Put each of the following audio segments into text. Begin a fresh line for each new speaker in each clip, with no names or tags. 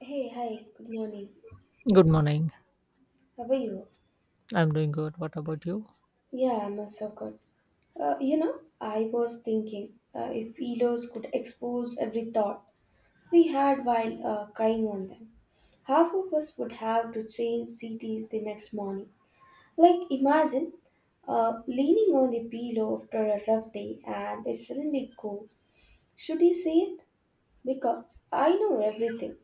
Hey, hi, good morning.
Good morning.
How are you?
I'm doing good. What about you?
Yeah, I'm also good. I was thinking if pillows could expose every thought we had while crying on them, half of us would have to change cities the next morning. Like, imagine leaning on the pillow after a rough day and it suddenly goes, should I say it? Because I know everything.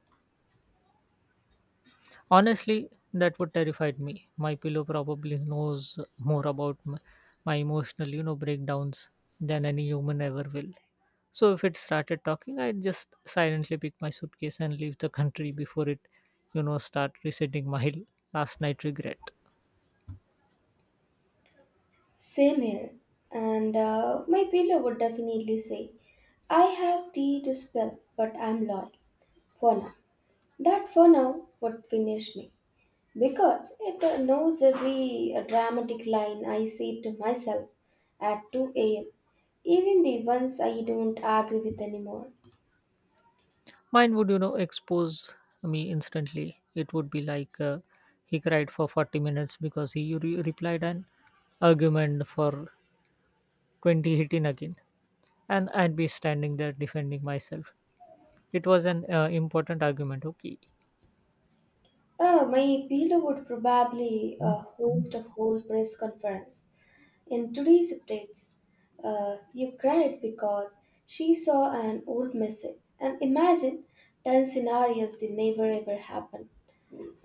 Honestly, that would terrified me. My pillow probably knows more about my emotional, breakdowns than any human ever will. So if it started talking, I'd just silently pick my suitcase and leave the country before it start resetting my last night regret.
Same here. And My pillow would definitely say, I have tea to spill, but I'm loyal. For now. That for now would finish me. Because it knows every dramatic line I say to myself at 2 a.m., even the ones I don't agree with anymore.
Mine would, you know, expose me instantly. It would be like he cried for 40 minutes because he replied an argument for 20 hitting again, and I'd be standing there defending myself. It was an important argument, okay.
My pillow would probably host a whole press conference. In today's updates, you cried because she saw an old message and imagined 10 scenarios that never ever happened.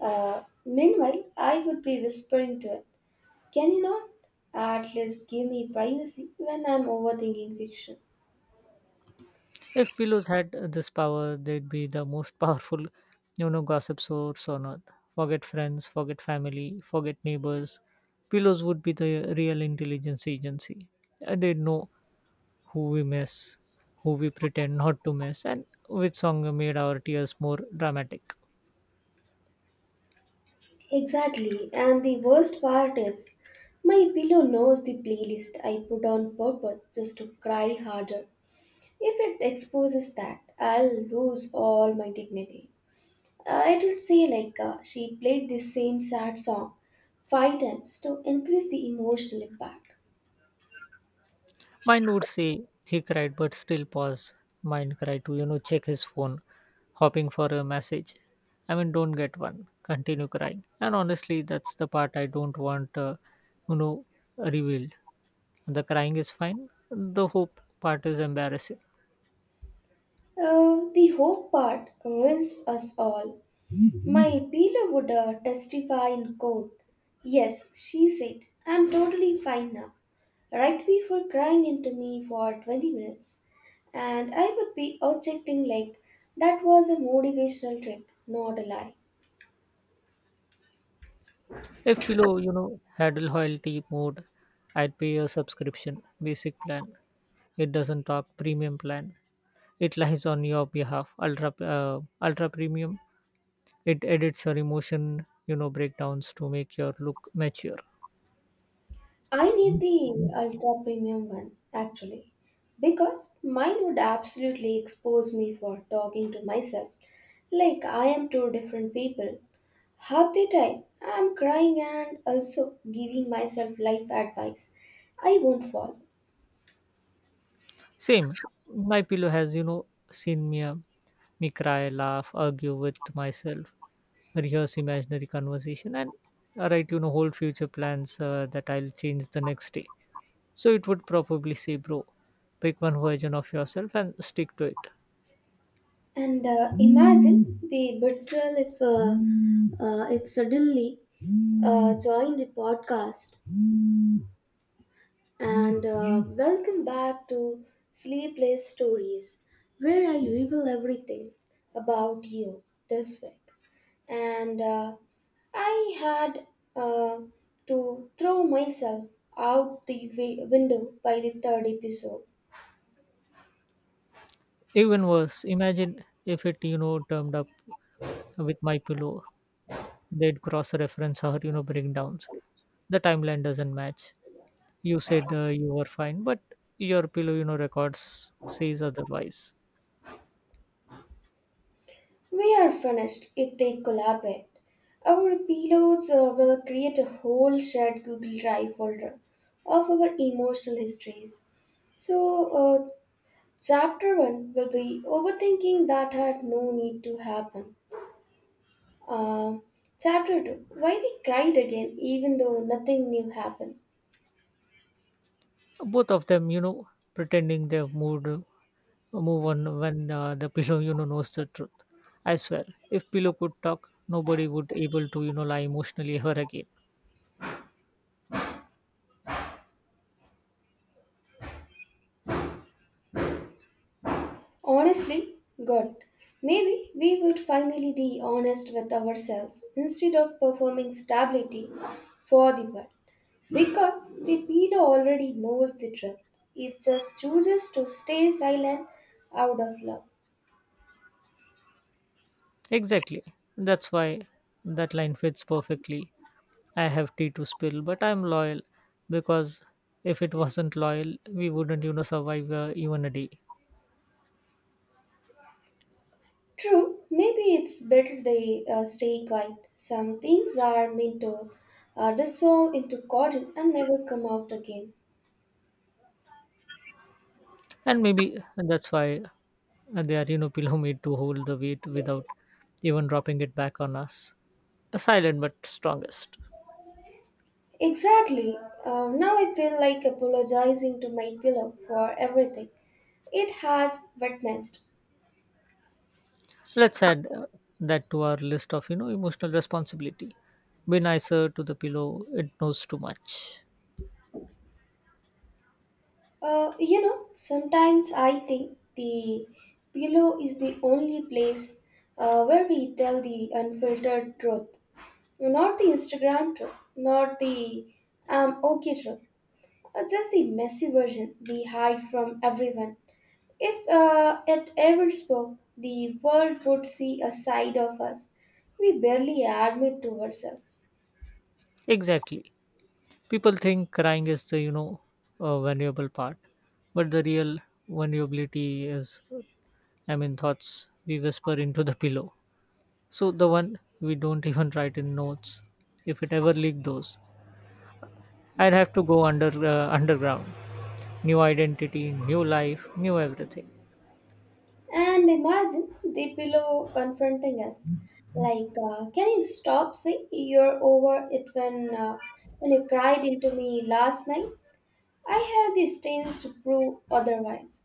Meanwhile, I would be whispering to it, can you not at least give me privacy when I'm overthinking fiction?
If pillows had this power, they'd be the most powerful, you know, gossip source on earth. Forget friends, forget family, forget neighbors. Pillows would be the real intelligence agency. They'd know who we miss, who we pretend not to miss, and which song made our tears more dramatic.
Exactly, and the worst part is, my pillow knows the playlist I put on purpose just to cry harder. If it exposes that, I'll lose all my dignity. It would say like she played the same sad song 5 times to increase the emotional impact.
Mine would say he cried but still pause, mine cried to, you know, check his phone, hoping for a message. I mean, don't get one. Continue crying. And honestly, that's the part I don't want, you know, revealed. The crying is fine. The hope part is embarrassing.
The hope part ruins us all. My appealer would testify in court. Yes, she said, I'm totally fine now. Right before crying into me for 20 minutes. And I would be objecting like that was a motivational trick, not a lie.
If below, you know, had loyalty mode, I'd pay a subscription, basic plan. It doesn't talk premium plan. It lies on your behalf. Ultra premium. It edits your emotion, you know, breakdowns to make your look mature.
I need the ultra premium one actually because mine would absolutely expose me for talking to myself like I am two different people. Half the time I am crying and also giving myself life advice. I won't fall.
Same. My pillow has, you know, seen me cry, laugh, argue with myself, rehearse imaginary conversation, and write, you know, whole future plans that I'll change the next day. So it would probably say, bro, pick one version of yourself and stick to it.
And Imagine the betrayal if suddenly joined the podcast and welcome back to Sleepless Stories, where I reveal everything about you this week. And I had uh, to throw myself out the window by the third episode.
Even worse, imagine if it, you know, turned up with my pillow, they'd cross reference or, you know, breakdowns. The timeline doesn't match. You said you were fine, but your pillow, you know, records says otherwise.
We are finished if they collaborate. Our pilots will create a whole shared Google Drive folder of our emotional histories. So, uh, Chapter 1 will be overthinking that had no need to happen. Um, Chapter 2, why they cried again even though nothing new happened.
Both of them, you know, pretending they've move on when the pillow, you know, knows the truth. I swear, if pillow could talk, nobody would able to, you know, lie emotionally ever again.
Honestly, God, maybe we would finally be honest with ourselves instead of performing stability for the world. Because the pillow already knows the truth, it just chooses to stay silent out of love.
Exactly. That's why that line fits perfectly. I have tea to spill, but I'm loyal, because if it wasn't loyal, we wouldn't, you know, survive even a day.
True, maybe it's better they stay quiet. Some things are meant to dissolve into cotton and never come out again.
And maybe that's why they are, you know, pillow made to hold the weight without even dropping it back on us, a silent but strongest.
Exactly. Now I feel like apologizing to my pillow for everything it has witnessed.
Let's add that to our list of, you know, emotional responsibility. Be nicer to the pillow, it knows too much.
Sometimes I think the pillow is the only place where we tell the unfiltered truth, not the Instagram truth, not the "I'm okay" truth. Just the messy version we hide from everyone. If it ever spoke, the world would see a side of us we barely admit to ourselves.
Exactly. People think crying is the, you know, vulnerable part, but the real vulnerability is, I mean, thoughts we whisper into the pillow. So the one we don't even write in notes. If it ever leaked those, I'd have to go underground. New identity, new life, new everything.
And imagine the pillow confronting us, like, "Can you stop saying you're over it uh, when you cried into me last night? I have the stains to prove otherwise."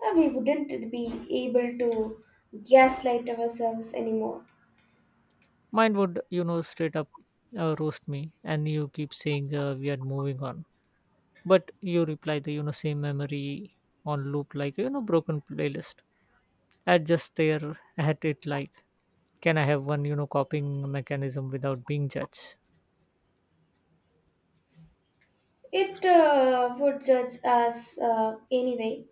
We wouldn't be able to gaslight ourselves anymore.
Mine would, you know, straight up roast me. And you keep saying we are moving on, but you reply the, you know, same memory on loop, like, you know, broken playlist. I'd just stare at it like, can I have one, you know, copying mechanism without being judged?
It would judge us anyway.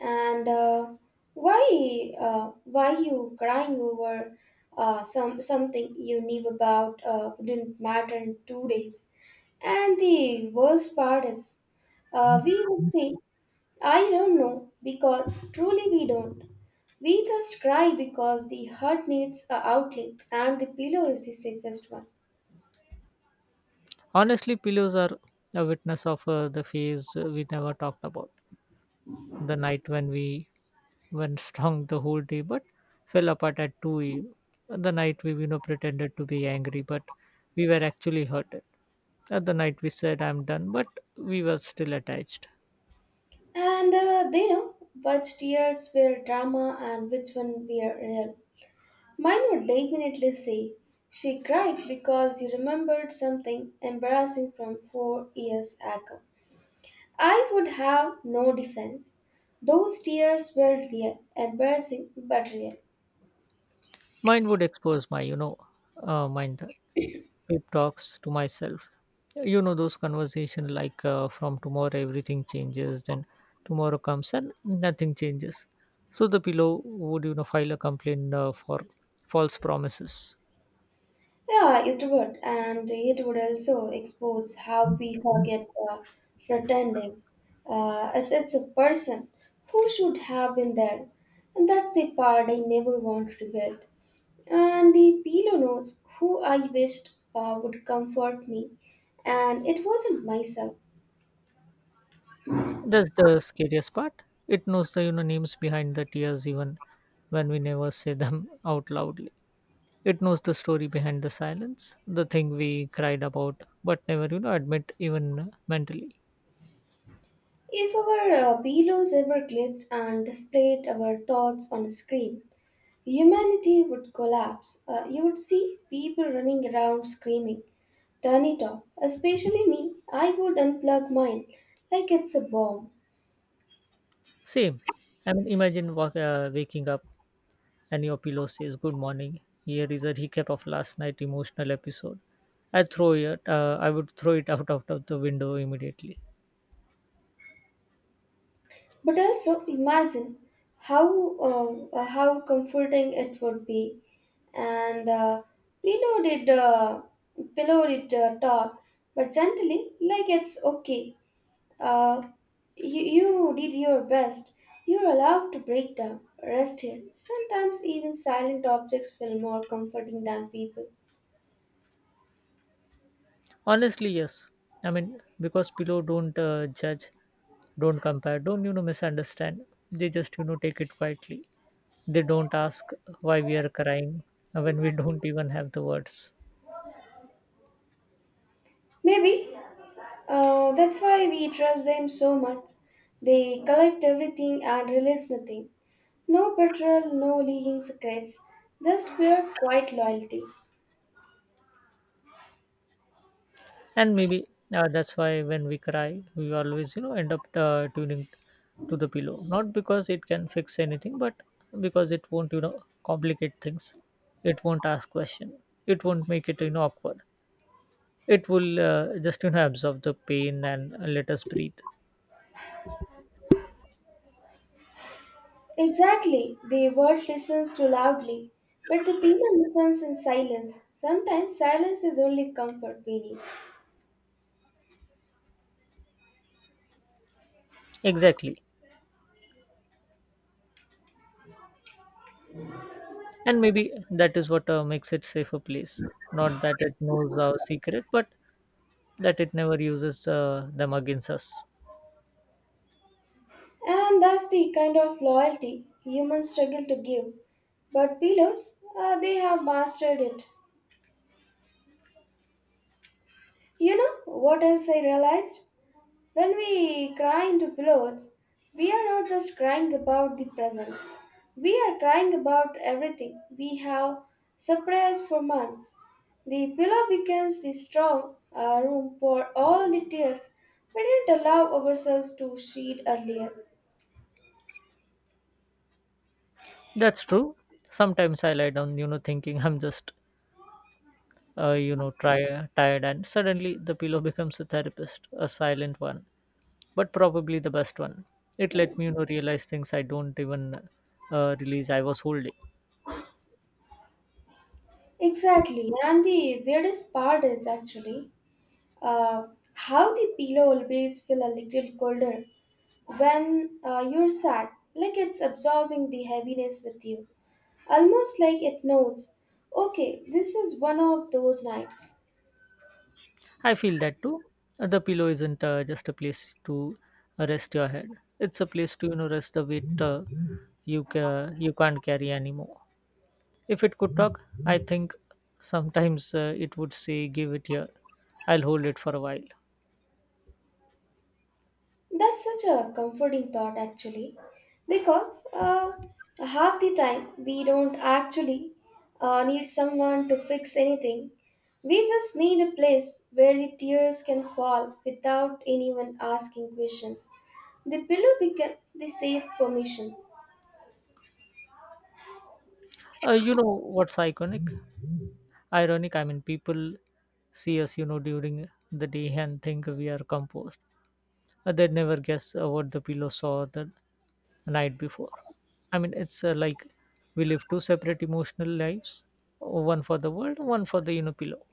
And why you crying over something you knew about didn't matter in 2 days. And the worst part is, we would say, I don't know, because truly we don't. We just cry because the heart needs a outlet, and the pillow is the safest one.
Honestly, pillows are a witness of the phase we never talked about. The night when we went strong the whole day but fell apart at 2 a.m. The night we, you know, pretended to be angry but we were actually hurted. At the night we said I'm done but we were still attached.
And they know which tears were drama and which one were real. Mine would definitely say, she cried because you remembered something embarrassing from 4 years ago. I would have no defense. Those tears were real, embarrassing but real.
Mine would expose my, you know, mind that pep talks to myself. You know those conversation like from tomorrow everything changes, then tomorrow comes and nothing changes. So the pillow would, you know, file a complaint for false promises.
Yeah, it would, and it would also expose how we forget pretending. It's a person who should have been there, and that's the part I never want to revealed. And the pillow notes, who I wished would comfort me, and it wasn't myself.
That's the scariest part. It knows the, you know, names behind the tears even when we never say them out loudly. It knows the story behind the silence, the thing we cried about but never, you know, admit even mentally.
If our pillows ever glitched and displayed our thoughts on a screen, humanity would collapse. You would see people running around screaming, turn it off. Especially me, I would unplug mine like it's a bomb.
Same. I mean, imagine waking up and your pillow says good morning. Here is a recap of last night emotional episode. I throw it. I would throw it out out of the window immediately.
But also imagine how how comforting it would be and pillowed it, uh, pillowed it top, but gently, like it's okay. Uh, you did your best. You're allowed to break down, rest here. Sometimes even silent objects feel more comforting than people.
Honestly, yes. I mean, because below don't judge, don't compare, don't, you know, misunderstand. They just, you know, take it quietly. They don't ask why we are crying when we don't even have the words.
Maybe that's why we trust them so much. They collect everything and release nothing. No betrayal, no leaking secrets, just pure quiet loyalty.
And maybe that's why when we cry, we always, you know, end up tuning to the pillow. Not because it can fix anything, but because it won't, you know, complicate things. It won't ask question. It won't make it, you know, awkward. It will just, you know, absorb the pain and let us breathe.
Exactly. The world listens too loudly, but the people listens in silence. Sometimes silence is only comfort we need.
Exactly. And maybe that is what makes it safer place. Not that it knows our secret, but that it never uses them against us.
And that's the kind of loyalty humans struggle to give. But pillows, they have mastered it. You know what else I realized? When we cry into pillows, we are not just crying about the present, we are crying about everything we have suppressed for months. The pillow becomes the strong room for all the tears we didn't allow ourselves to shed earlier.
That's true. Sometimes I lie down, you know, thinking I'm just, you know, tired, and suddenly the pillow becomes a therapist, a silent one, but probably the best one. It let me, you know, realize things I don't even realize I was holding.
Exactly, and the weirdest part is actually uh, how the pillow always feel a little colder when you're sad, like it's absorbing the heaviness with you. Almost like it knows, okay, this is one of those nights.
I feel that too. The pillow isn't just a place to rest your head. It's a place to, you know, rest the weight you you can't carry anymore. If it could talk, I think sometimes it would say, "Give it here. I'll hold it for a while."
That's such a comforting thought, actually, because half the time we don't actually need someone to fix anything. We just need a place where the tears can fall without anyone asking questions. The pillow becomes the safe permission.
You know what's iconic? Ironic. I mean, people see us, you know, during the day and think we are composed. They'd never guess what the pillow saw the night before. I mean, it's like we live two separate emotional lives, one for the world, one for the, you know, pillow.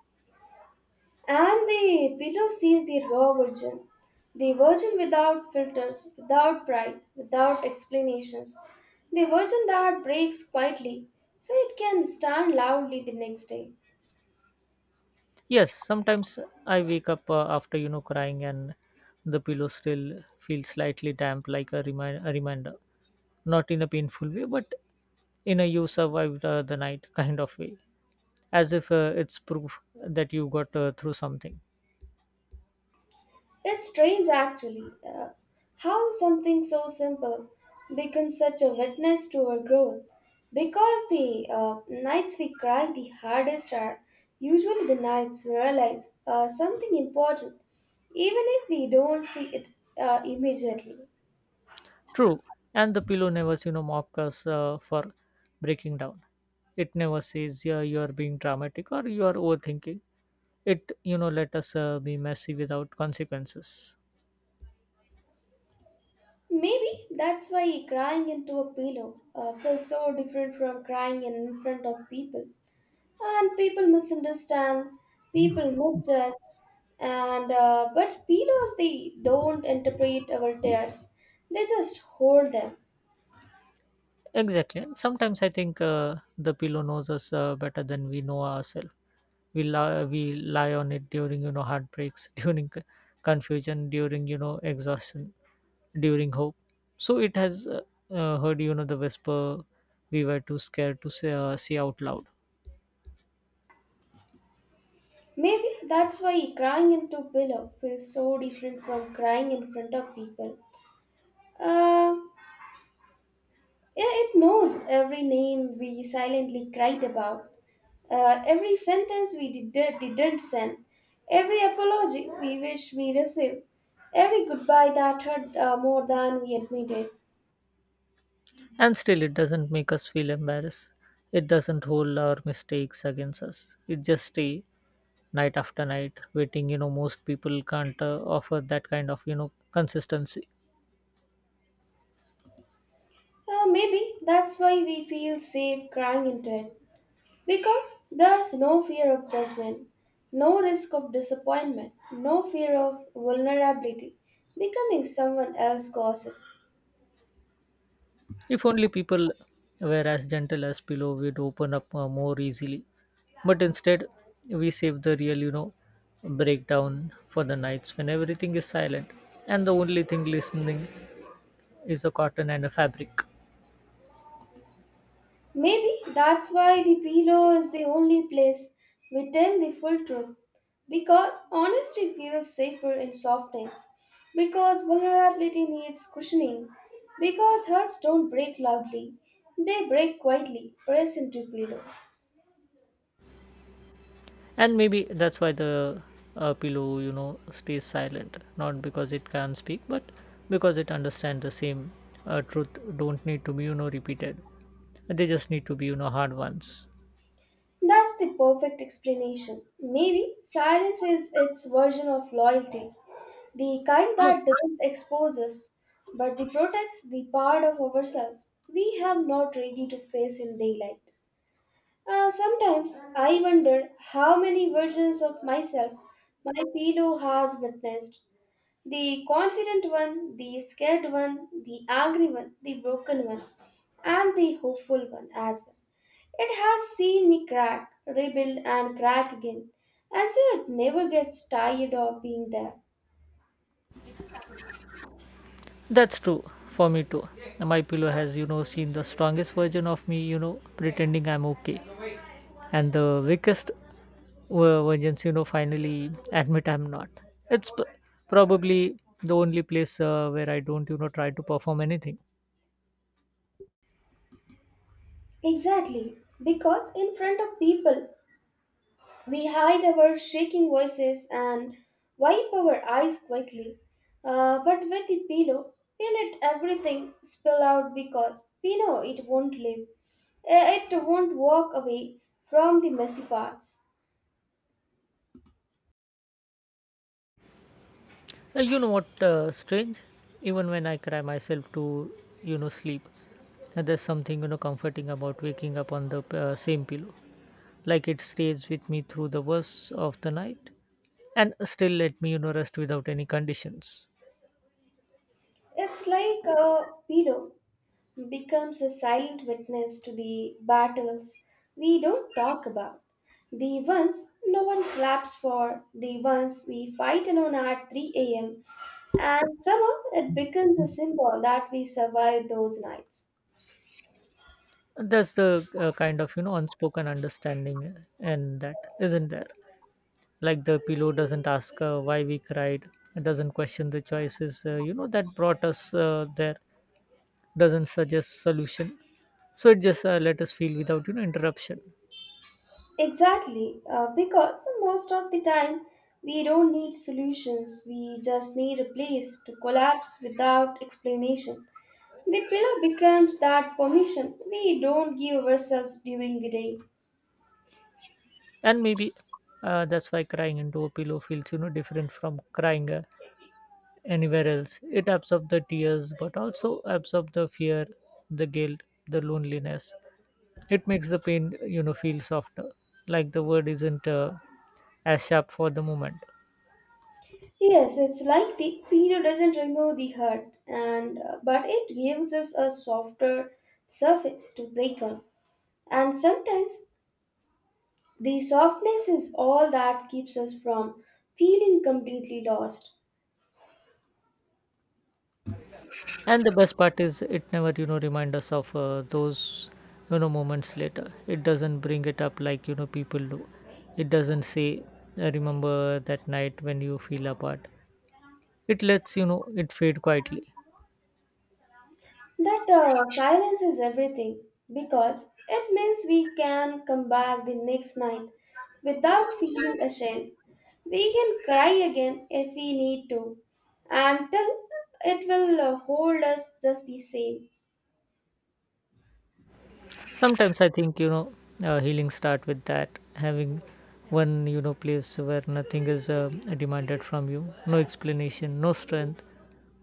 And the pillow sees the raw virgin, the virgin without filters, without pride, without explanations, the virgin that breaks quietly so it can stand loudly the next day.
Yes, sometimes I wake up after, you know, crying, and the pillow still feels slightly damp, like a reminder. Not in a painful way, but in a you survived the night kind of way, as if it's proof that you got through something.
It's strange actually how something so simple becomes such a witness to our growth because the nights we cry the hardest are usually the nights we realize something important even if we don't see it immediately.
True, and the pillow never, you know, mock us for breaking down. It never says yeah, you are being dramatic or you are overthinking. It, you know, let us be messy without consequences.
Maybe that's why crying into a pillow feels so different from crying in front of people, and people misunderstand, people misjudge, and but pillows, they don't interpret our tears, they just hold them.
Exactly. And sometimes I think the pillow knows us better than we know ourselves. We lie on it during, you know, heartbreaks, during confusion, during, you know, exhaustion, during hope. So it has heard, you know, the whisper we were too scared to say out loud.
Maybe that's why crying into pillow feels so different from crying in front of people. uh, yeah, it knows every name we silently cried about, every sentence we didn't send, every apology we wish we received, every goodbye that hurt more than we admitted.
And still, it doesn't make us feel embarrassed. It doesn't hold our mistakes against us. It just stay night after night waiting. You know, most people can't offer that kind of, you know, consistency.
Maybe that's why we feel safe crying into it. Because there's no fear of judgment, no risk of disappointment, no fear of vulnerability, becoming someone else's gossip.
If only people were as gentle as pillow, we'd open up more easily. But instead, we save the real, you know, breakdown for the nights when everything is silent and the only thing listening is a cotton and a fabric.
Maybe that's why the pillow is the only place we tell the full truth. Because honesty feels safer in softness. Because vulnerability needs cushioning. Because hearts don't break loudly, they break quietly, pressed into pillow.
And maybe that's why the pillow, you know, stays silent, not because it can speak but because it understands the same truth don't need to be, you know, repeated, they just need to be, you know, hard ones.
That's the perfect explanation. Maybe silence is its version of loyalty, the kind
Oh,
that doesn't expose us, but that protects the part of ourselves we have not ready to face in daylight. Sometimes I wonder how many versions of myself my pillow has witnessed, the confident one, the scared one, the angry one, the broken one, and the hopeful one as well. It has seen me crack, rebuild, and crack again, and still it never gets tired of being there.
that's true for me too. My pillow has, you know, seen the strongest version of me, you know, pretending I'm okay, and the weakest versions, you know, finally admit I'm not. It's probably the only place where I don't, you know, try to perform anything.
Exactly, because in front of people we hide our shaking voices and wipe our eyes quickly. But with the pillow, we let everything spill out because we know it won't live. It won't walk away from the messy parts.
You know what? Strange. Even when I cry myself to, you know, sleep, there's something, you know, comforting about waking up on the same pillow. Like it stays with me through the worst of the night, and still let me, you know, rest without any conditions.
It's like a pillow becomes a silent witness to the battles we don't talk about. The ones no one claps for, the ones we fight alone at 3 a.m., and somehow it becomes a symbol that we survived those nights.
That's the kind of, you know, unspoken understanding, and that isn't there. Like the pillow doesn't ask why we cried. It doesn't question the choices you know that brought us there. Doesn't suggest solution, so it just let us feel without, you know, interruption.
Exactly, because most of the time we don't need solutions, we just need a place to collapse without explanation. The pillow becomes that permission we don't give ourselves during the day.
And maybe that's why crying into a pillow feels, you know, different from crying anywhere else. It absorbs the tears but also absorbs the fear, the guilt, the loneliness. It makes the pain, you know, feel softer, like the word isn't as sharp for the moment.
Yes, it's like the peeler doesn't remove the hurt, and but it gives us a softer surface to break on. And sometimes the softness is all that keeps us from feeling completely lost.
And the best part is it never, you know, remind us of those, you know, moments later. It doesn't bring it up like, you know, people do. It doesn't say, "I remember that night when you feel apart. It lets, you know, it fade quietly.
That silence is everything because it means we can come back the next night without feeling ashamed. We can cry again if we need to, and till it will hold us just the same.
Sometimes I think, healing start with that, having one place where nothing is demanded from you, no explanation, no strength,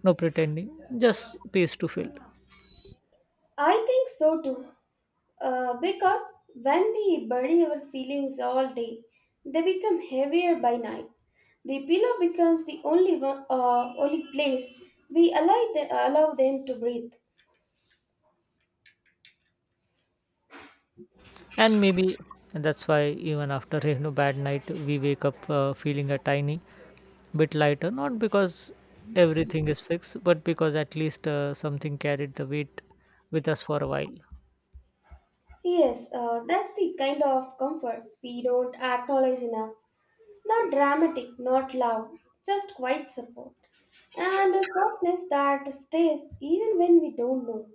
no pretending, just space to fill.
I think so too. Because when we bury our feelings all day, they become heavier by night. The pillow becomes the only only place we allow them to breathe.
And maybe that's why even after bad night we wake up feeling a tiny bit lighter, not because everything is fixed, but because at least something carried the weight with us for a while.
Yes, that's the kind of comfort we don't acknowledge enough. Not dramatic, not loud, just quiet support. And a softness that stays even when we don't know.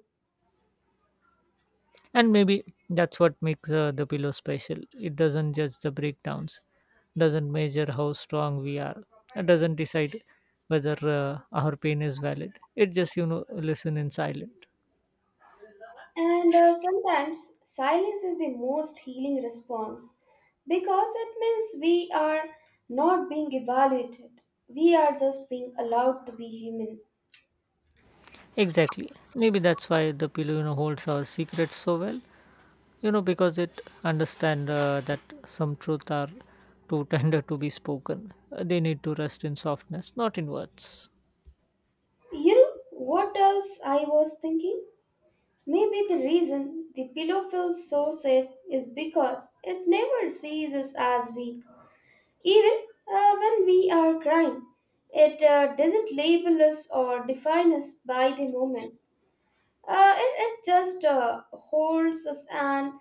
And maybe that's what makes the pillow special. It doesn't judge the breakdowns, doesn't measure how strong we are, it doesn't decide whether our pain is valid, it just listen in silent.
And sometimes silence is the most healing response because it means we are not being evaluated. We are just being allowed to be human.
Exactly. Maybe that's why the pillow holds our secrets so well, because it understand that some truth are too tender to be spoken. They need to rest in softness, not in words.
You know what else I was thinking? Maybe the reason the pillow feels so safe is because it never sees us as weak. Even when we are crying, it doesn't label us or define us by the moment. It just holds us and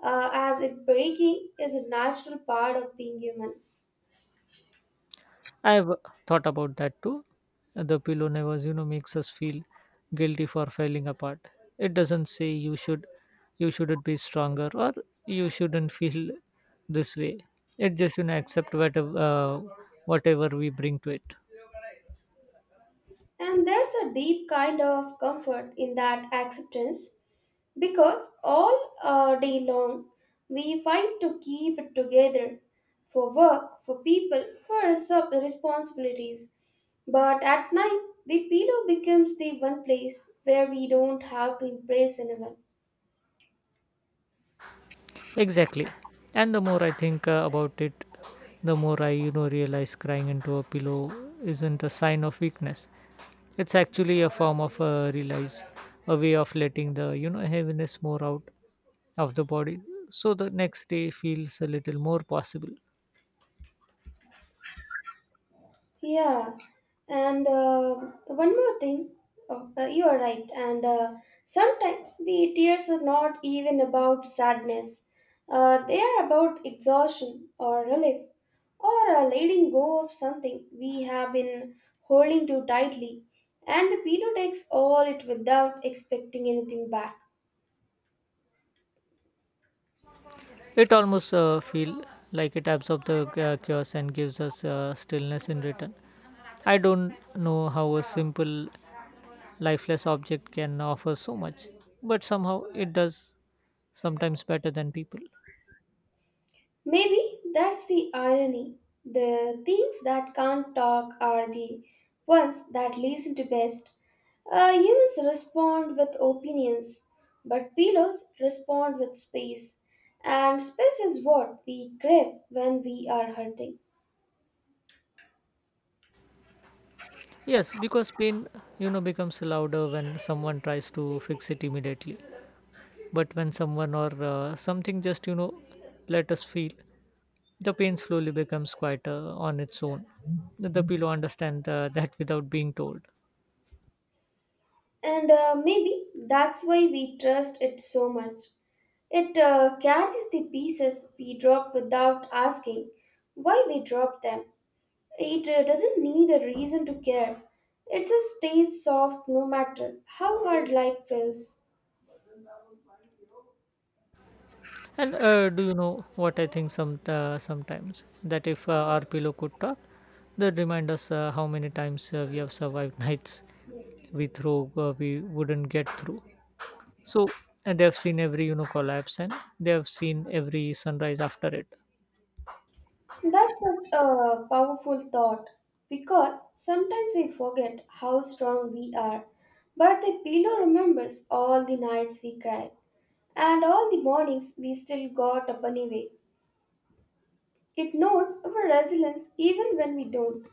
as if breaking is a natural part of being human.
I've thought about that too. The pillow never makes us feel guilty for falling apart. It doesn't say you should, you shouldn't be stronger, or you shouldn't feel this way. It just accept whatever whatever we bring to it.
And there's a deep kind of comfort in that acceptance because all day long we fight to keep it together for work, for people, for responsibilities, but at night the pillow becomes the one place where we don't have to impress anyone.
Exactly. And the more I think about it, the more I, realize crying into a pillow isn't a sign of weakness. It's actually a form of realize, a way of letting the, heaviness more out of the body. So the next day feels a little more possible.
Yeah, and one more thing. Oh, you are right. And sometimes the tears are not even about sadness. They are about exhaustion or relief or letting go of something we have been holding too tightly. And the pillow takes all it without expecting anything back.
It almost feel like it absorbs the chaos and gives us stillness in return. I don't know how a simple lifeless object can offer so much, but somehow it does, sometimes better than people.
Maybe that's the irony. The things that can't talk are the ones that listen to best. Humans respond with opinions, but pillows respond with space. And space is what we crave when we are hurting.
Yes, because pain becomes louder when someone tries to fix it immediately. But when someone or something just let us feel, the pain slowly becomes quieter on its own. The pillow understand that without being told.
And maybe that's why we trust it so much. It carries the pieces we drop without asking why we drop them. It doesn't need a reason to care. It just stays soft no matter how hard life feels.
And do you know what I think some sometimes, that if our pillow could talk, that remind us how many times we have survived nights we throw we wouldn't get through. So they have seen every collapse, and they have seen every sunrise after it.
That's such a powerful thought because sometimes we forget how strong we are, but the pillow remembers all the nights we cried and all the mornings we still got up anyway. It knows our resilience even when we don't.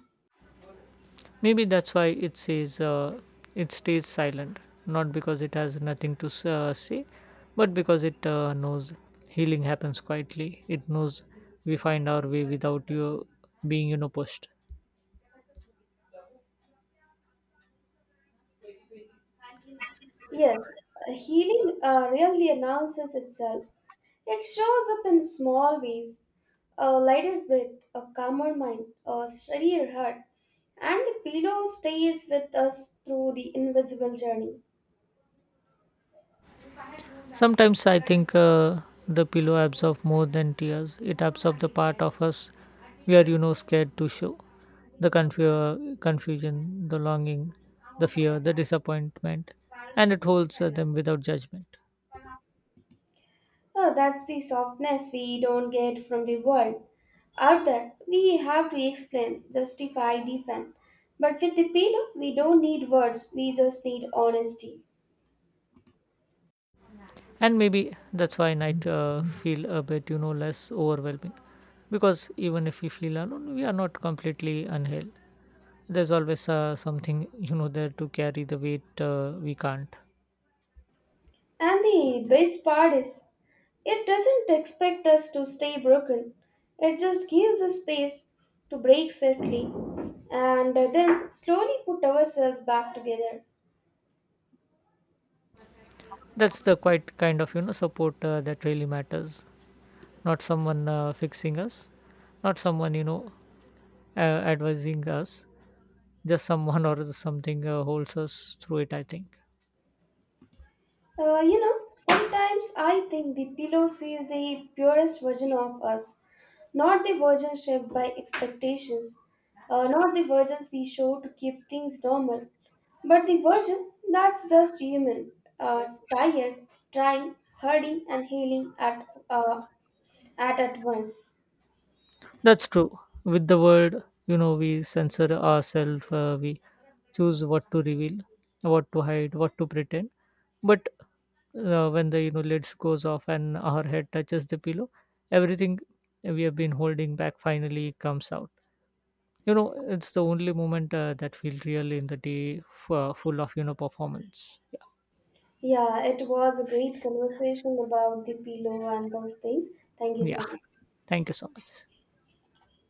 Maybe that's why it says it stays silent, not because it has nothing to say, but because it knows healing happens quietly. It knows we find our way without you being pushed.
Yes, healing really announces itself. It shows up in small ways, a lighter breath, a calmer mind, a steadier heart, and the pillow stays with us through the invisible journey.
Sometimes I think the pillow absorbs more than tears. It absorbs the part of us we are, scared to show. The confusion, the longing, the fear, the disappointment, and it holds them without judgment.
Oh, that's the softness we don't get from the world. Out there, we have to explain, justify, defend. But with the pillow, we don't need words, we just need honesty.
And maybe that's why night feel a bit, less overwhelming. Because even if we feel alone, we are not completely unheld. There's always something, there to carry the weight we can't.
And the best part is, it doesn't expect us to stay broken. It just gives us space to break safely and then slowly put ourselves back together.
That's the quite kind of support that really matters. Not someone fixing us, not someone advising us. Just someone or something holds us through it, I think.
Sometimes I think the pillow sees the purest version of us, not the version shaped by expectations, not the versions we show to keep things normal, but the version that's just human, uh, tired, trying, hurting, and healing at once.
That's true. With the world, we censor ourselves. We choose what to reveal, what to hide, what to pretend. But when the lids goes off and our head touches the pillow, everything we have been holding back finally comes out. You know, it's the only moment that feel real in the day, full of performance.
Yeah, it was a great conversation about the pillow and those things. Thank you so
Yeah,
much.
thank you so much.